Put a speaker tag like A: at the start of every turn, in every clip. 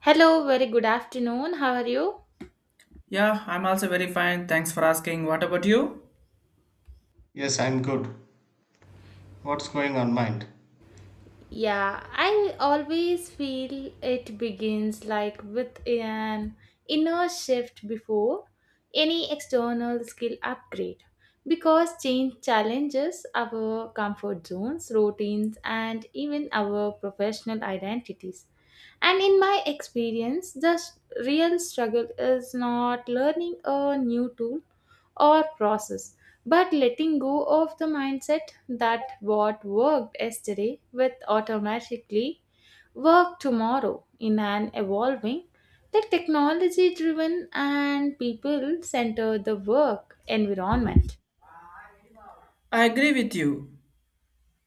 A: Hello, very good afternoon. How are you?
B: Yeah, I'm also very fine. Thanks for asking. What about you?
C: Yes, I'm good. What's going on mind?
A: Yeah, I always feel it begins like with an inner shift before any external skill upgrade because change challenges our comfort zones, routines, and even our professional identities. And in my experience, real struggle is not learning a new tool or process, but letting go of the mindset that what worked yesterday will automatically work tomorrow in an evolving, technology driven, and people centered the work environment.
B: I agree with you.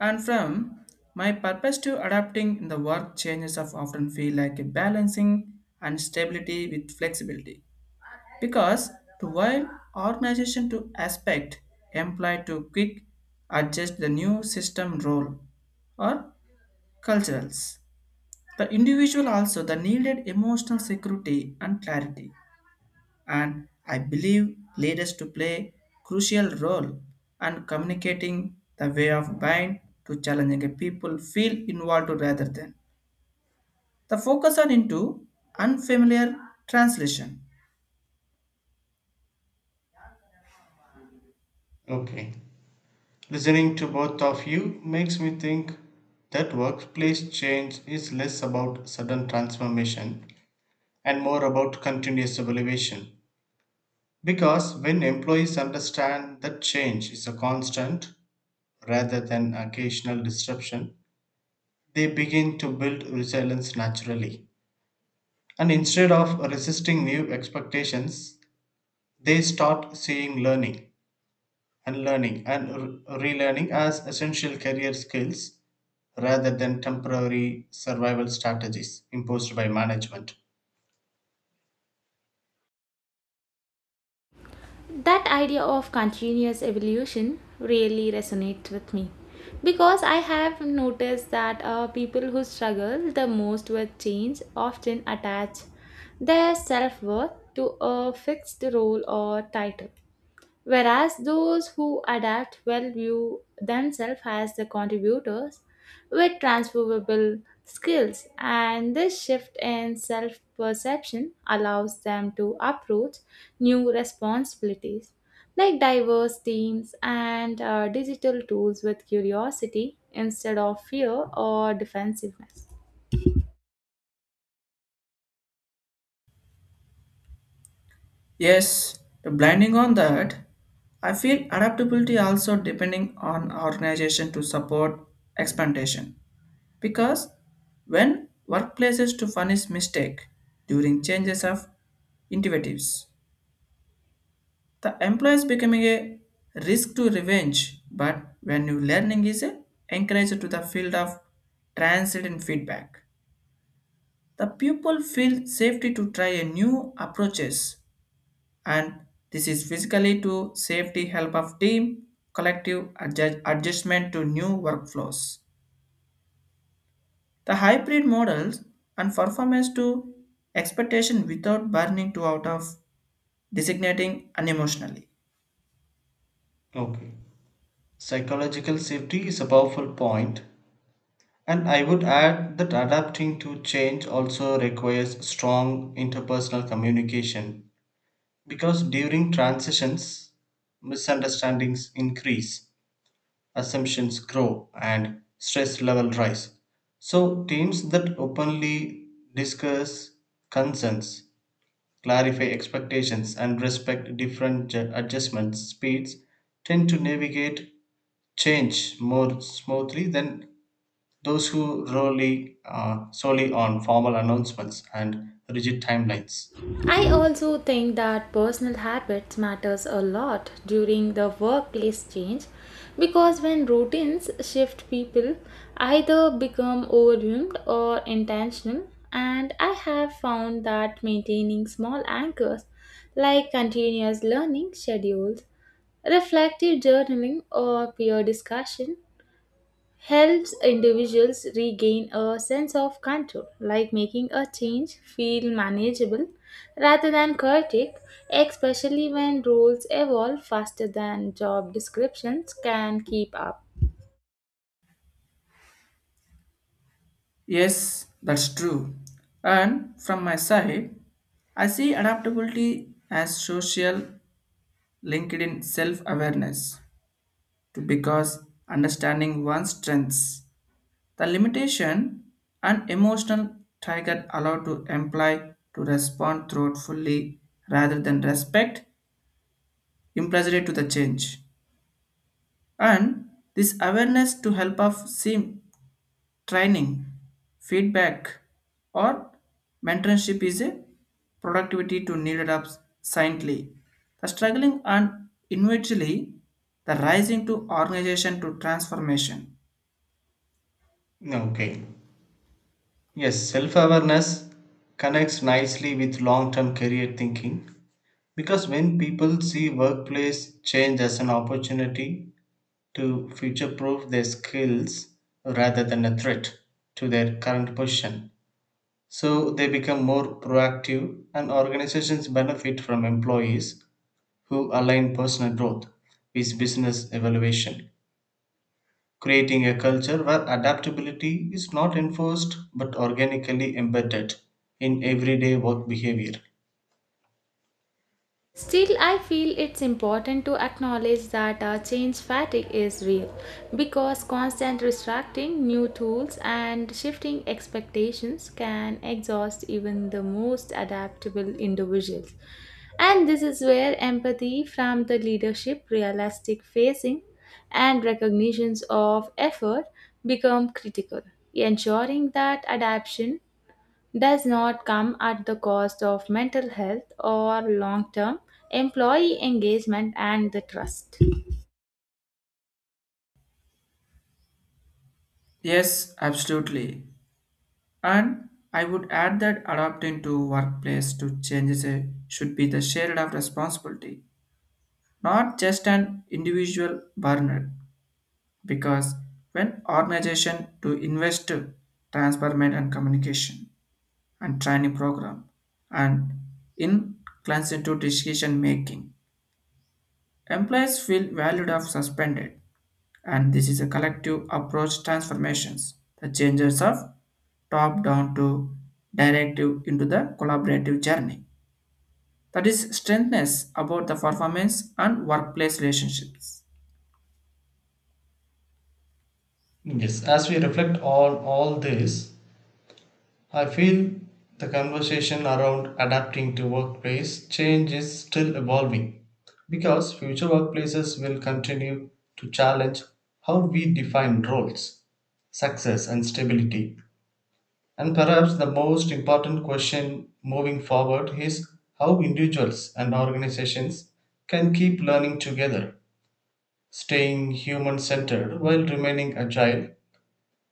B: And from my purpose to adapting in the work changes of often feel like a balancing and stability with flexibility. Because to while organization to aspect employ to quick adjust the new system role or culturals. The individual also the needed emotional security and clarity, and I believe leaders to play crucial role and communicating the way of buying to challenging people feel involved rather than the focus on into unfamiliar translation.
C: Okay. Listening to both of you makes me think that workplace change is less about sudden transformation and more about continuous evaluation. Because when employees understand that change is a constant rather than occasional disruption, they begin to build resilience naturally. And instead of resisting new expectations, they start seeing and learning and relearning as essential career skills rather than temporary survival strategies imposed by management.
A: That idea of continuous evolution really resonates with me because I have noticed that people who struggle the most with change often attach their self worth to a fixed role or title, whereas those who adapt well view themselves as the contributors with transferable skills, and this shift in self perception allows them to approach new responsibilities like diverse teams and digital tools with curiosity instead of fear or defensiveness.
B: Yes, the blinding on that, I feel adaptability also depending on organization to support expectation because when workplaces to punish mistake during changes of initiatives. The employer is becoming a risk to revenge, but when new learning is encouraged to the field of transient feedback, the pupil feel safety to try a new approaches, and this is physically to safety help of team collective adjustment to new workflows. The hybrid models and performance to expectation without burning to out of designating unemotionally.
C: Okay. Psychological safety is a powerful point, and I would add that adapting to change also requires strong interpersonal communication because during transitions, misunderstandings increase assumptions grow and stress level rise. So teams that openly discuss concerns, clarify expectations and respect different adjustment speeds tend to navigate change more smoothly than those who rely solely on formal announcements and rigid timelines.
A: I also think that personal habits matters a lot during the workplace change because when routines shift people either become overwhelmed or intentional, and I have found that maintaining small anchors like continuous learning schedules, reflective journaling, or peer discussion helps individuals regain a sense of control, like making a change feel manageable rather than chaotic, especially when roles evolve faster than job descriptions can keep up.
B: Yes, that's true. And from my side, I see adaptability as social linked in self-awareness to because understanding one's strengths, the limitation and emotional trigger allow to employ to respond thoughtfully rather than respect implicitly to the change. And this awareness to help us see training, feedback, or mentorship is a productivity to needed up silently. The struggling and individually, the rising to organization to transformation.
C: Okay. Yes, self awareness connects nicely with long term career thinking. Because when people see workplace change as an opportunity to future proof their skills rather than a threat to their current position, so they become more proactive and organizations benefit from employees who align personal growth with business evaluation, creating a culture where adaptability is not enforced but organically embedded in everyday work behavior.
A: Still, I feel it's important to acknowledge that our change fatigue is real because constant distracting new tools and shifting expectations can exhaust even the most adaptable individuals. And this is where empathy from the leadership, realistic facing, and recognitions of effort become critical, ensuring that adaptation does not come at the cost of mental health or long term employee engagement and the trust.
B: Yes, absolutely. And I would add that adapting to workplace to changes should be the shared of responsibility, not just an individual burner. Because when organization to invest transparent and communication, and training program, and inclined decision making. Employees feel valued of suspended, and this is a collective approach transformations. The changes of top down to directive into the collaborative journey. That is strengthness about the performance and workplace relationships.
C: Yes, as we reflect on all this, I feel the conversation around adapting to workplace change is still evolving because future workplaces will continue to challenge how we define roles, success, and stability. And perhaps the most important question moving forward is how individuals and organizations can keep learning together, staying human centered while remaining agile.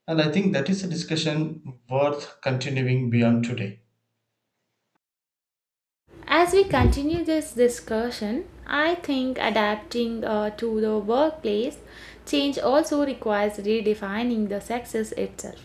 C: And I think that is a discussion worth continuing beyond today.
A: As we continue this discussion, I think adapting to the workplace change also requires redefining the success itself.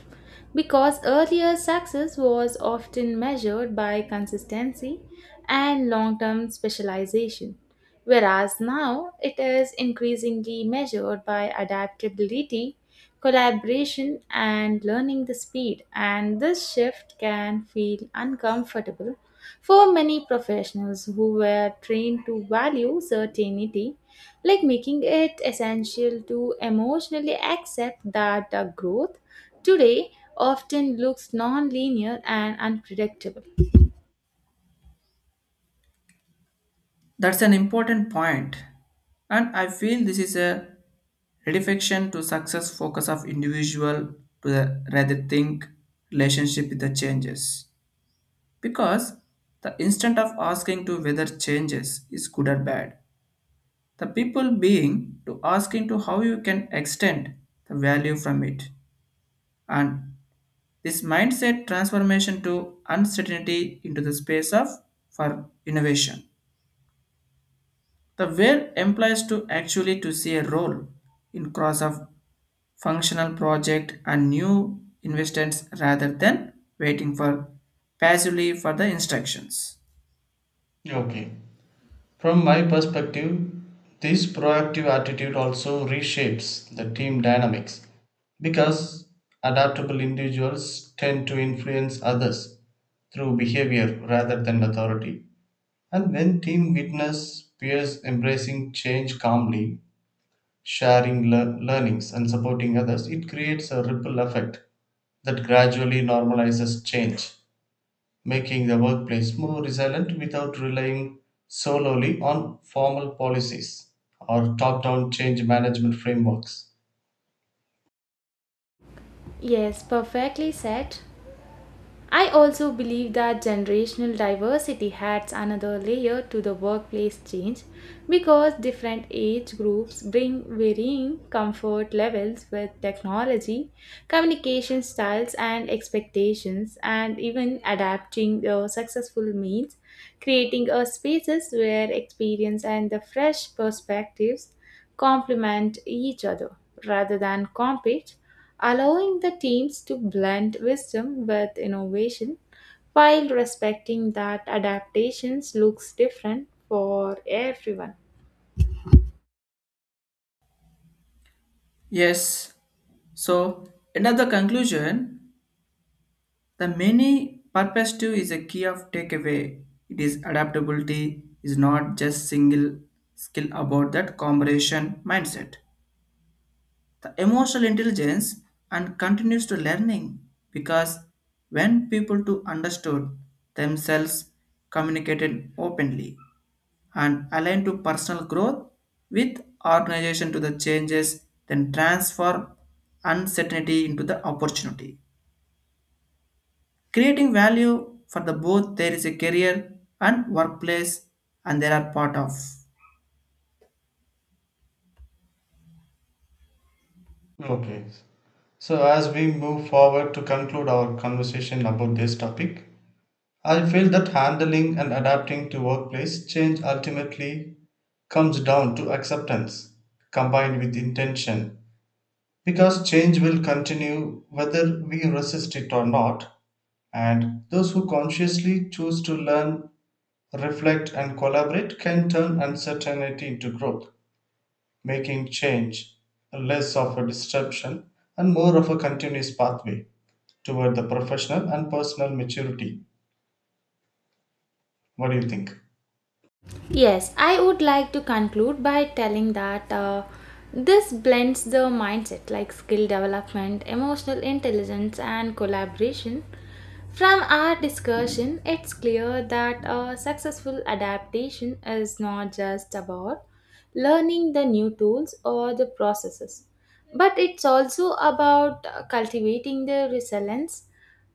A: Because earlier success was often measured by consistency and long term specialization, whereas now it is increasingly measured by adaptability, collaboration, and learning the speed. And this shift can feel uncomfortable for many professionals who were trained to value certainty, like making it essential to emotionally accept that the growth today often looks non linear and unpredictable.
B: That's an important point, and I feel this is a redirection to success focus of individual to the rather think relationship with the changes. Because the instant of asking to whether changes is good or bad, the people being to asking to how you can extend the value from it. And this mindset transformation to uncertainty into the space of for innovation. The where implies to actually to see a role in cross of functional project and new investments rather than waiting for passively for the instructions.
C: Okay. From my perspective, this proactive attitude also reshapes the team dynamics because adaptable individuals tend to influence others through behavior rather than authority. And when team witness peers embracing change calmly, sharing learnings and supporting others, it creates a ripple effect that gradually normalizes change making the workplace more resilient without relying solely on formal policies or top down change management frameworks.
A: Yes, perfectly said. I also believe that generational diversity adds another layer to the workplace change because different age groups bring varying comfort levels with technology, communication styles, and expectations, and even adapting the successful means, creating a spaces where experience and the fresh perspectives complement each other rather than compete, allowing the teams to blend wisdom with innovation while respecting that adaptations looks different for everyone.
B: Yes, so another conclusion, the many perspective is a key of takeaway. It is adaptability is not just single skill about that combination mindset. The emotional intelligence and continues to learning because when people to understood themselves communicated openly and align to personal growth with organization to the changes, then transform uncertainty into the opportunity. Creating value for the both there is a career and workplace and there are part of.
C: Okay. So, as we move forward to conclude our conversation about this topic, I feel that handling and adapting to workplace change ultimately comes down to acceptance combined with intention because change will continue whether we resist it or not. And those who consciously choose to learn reflect, and collaborate can turn uncertainty into growth, making change less of a disruption and more of a continuous pathway toward the professional and personal maturity. What do you think?
A: Yes, I would like to conclude by telling that this blends the mindset like skill development, emotional intelligence, and collaboration. From our discussion, it's clear that a successful adaptation is not just about learning the new tools or the processes, but it's also about cultivating the resilience,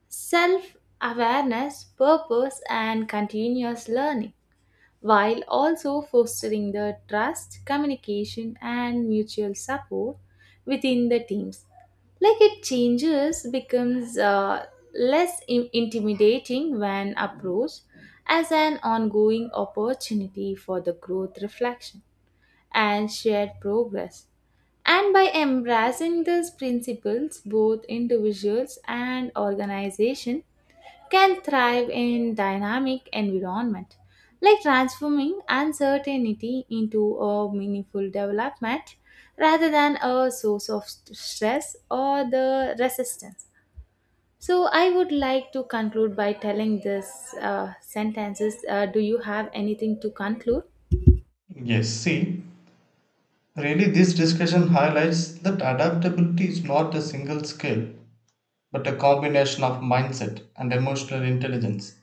A: self awareness, purpose, and continuous learning while also fostering the trust, communication, and mutual support within the teams. Like it changes becomes intimidating when approached as an ongoing opportunity for the growth reflection and shared progress. And by embracing these principles, both individuals and organizations can thrive in dynamic environment, like transforming uncertainty into a meaningful development rather than a source of stress or the resistance. So I would like to conclude by telling this sentences. Do you have anything to conclude?
C: Yes, see, really, this discussion highlights that adaptability is not a single skill, but a combination of mindset and emotional intelligence,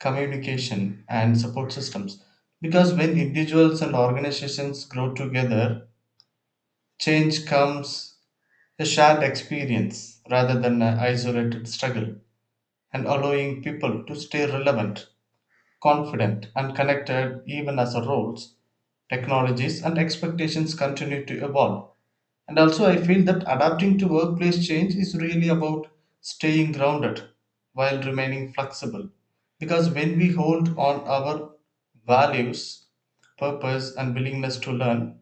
C: communication, and support systems. Because when individuals and organizations grow together, change comes a shared experience rather than an isolated struggle, and allowing people to stay relevant, confident, and connected even as our roles, technologies, and expectations continue to evolve. And also, I feel that adapting to workplace change is really about staying grounded while remaining flexible. Because when we hold on our values, purpose, and willingness to learn,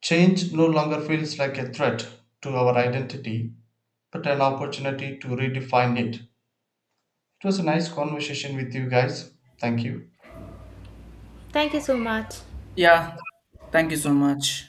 C: change no longer feels like a threat to our identity but an opportunity to redefine it. It was a nice conversation with you guys. Thank you.
A: Thank you so much.
B: Yeah, thank you so much.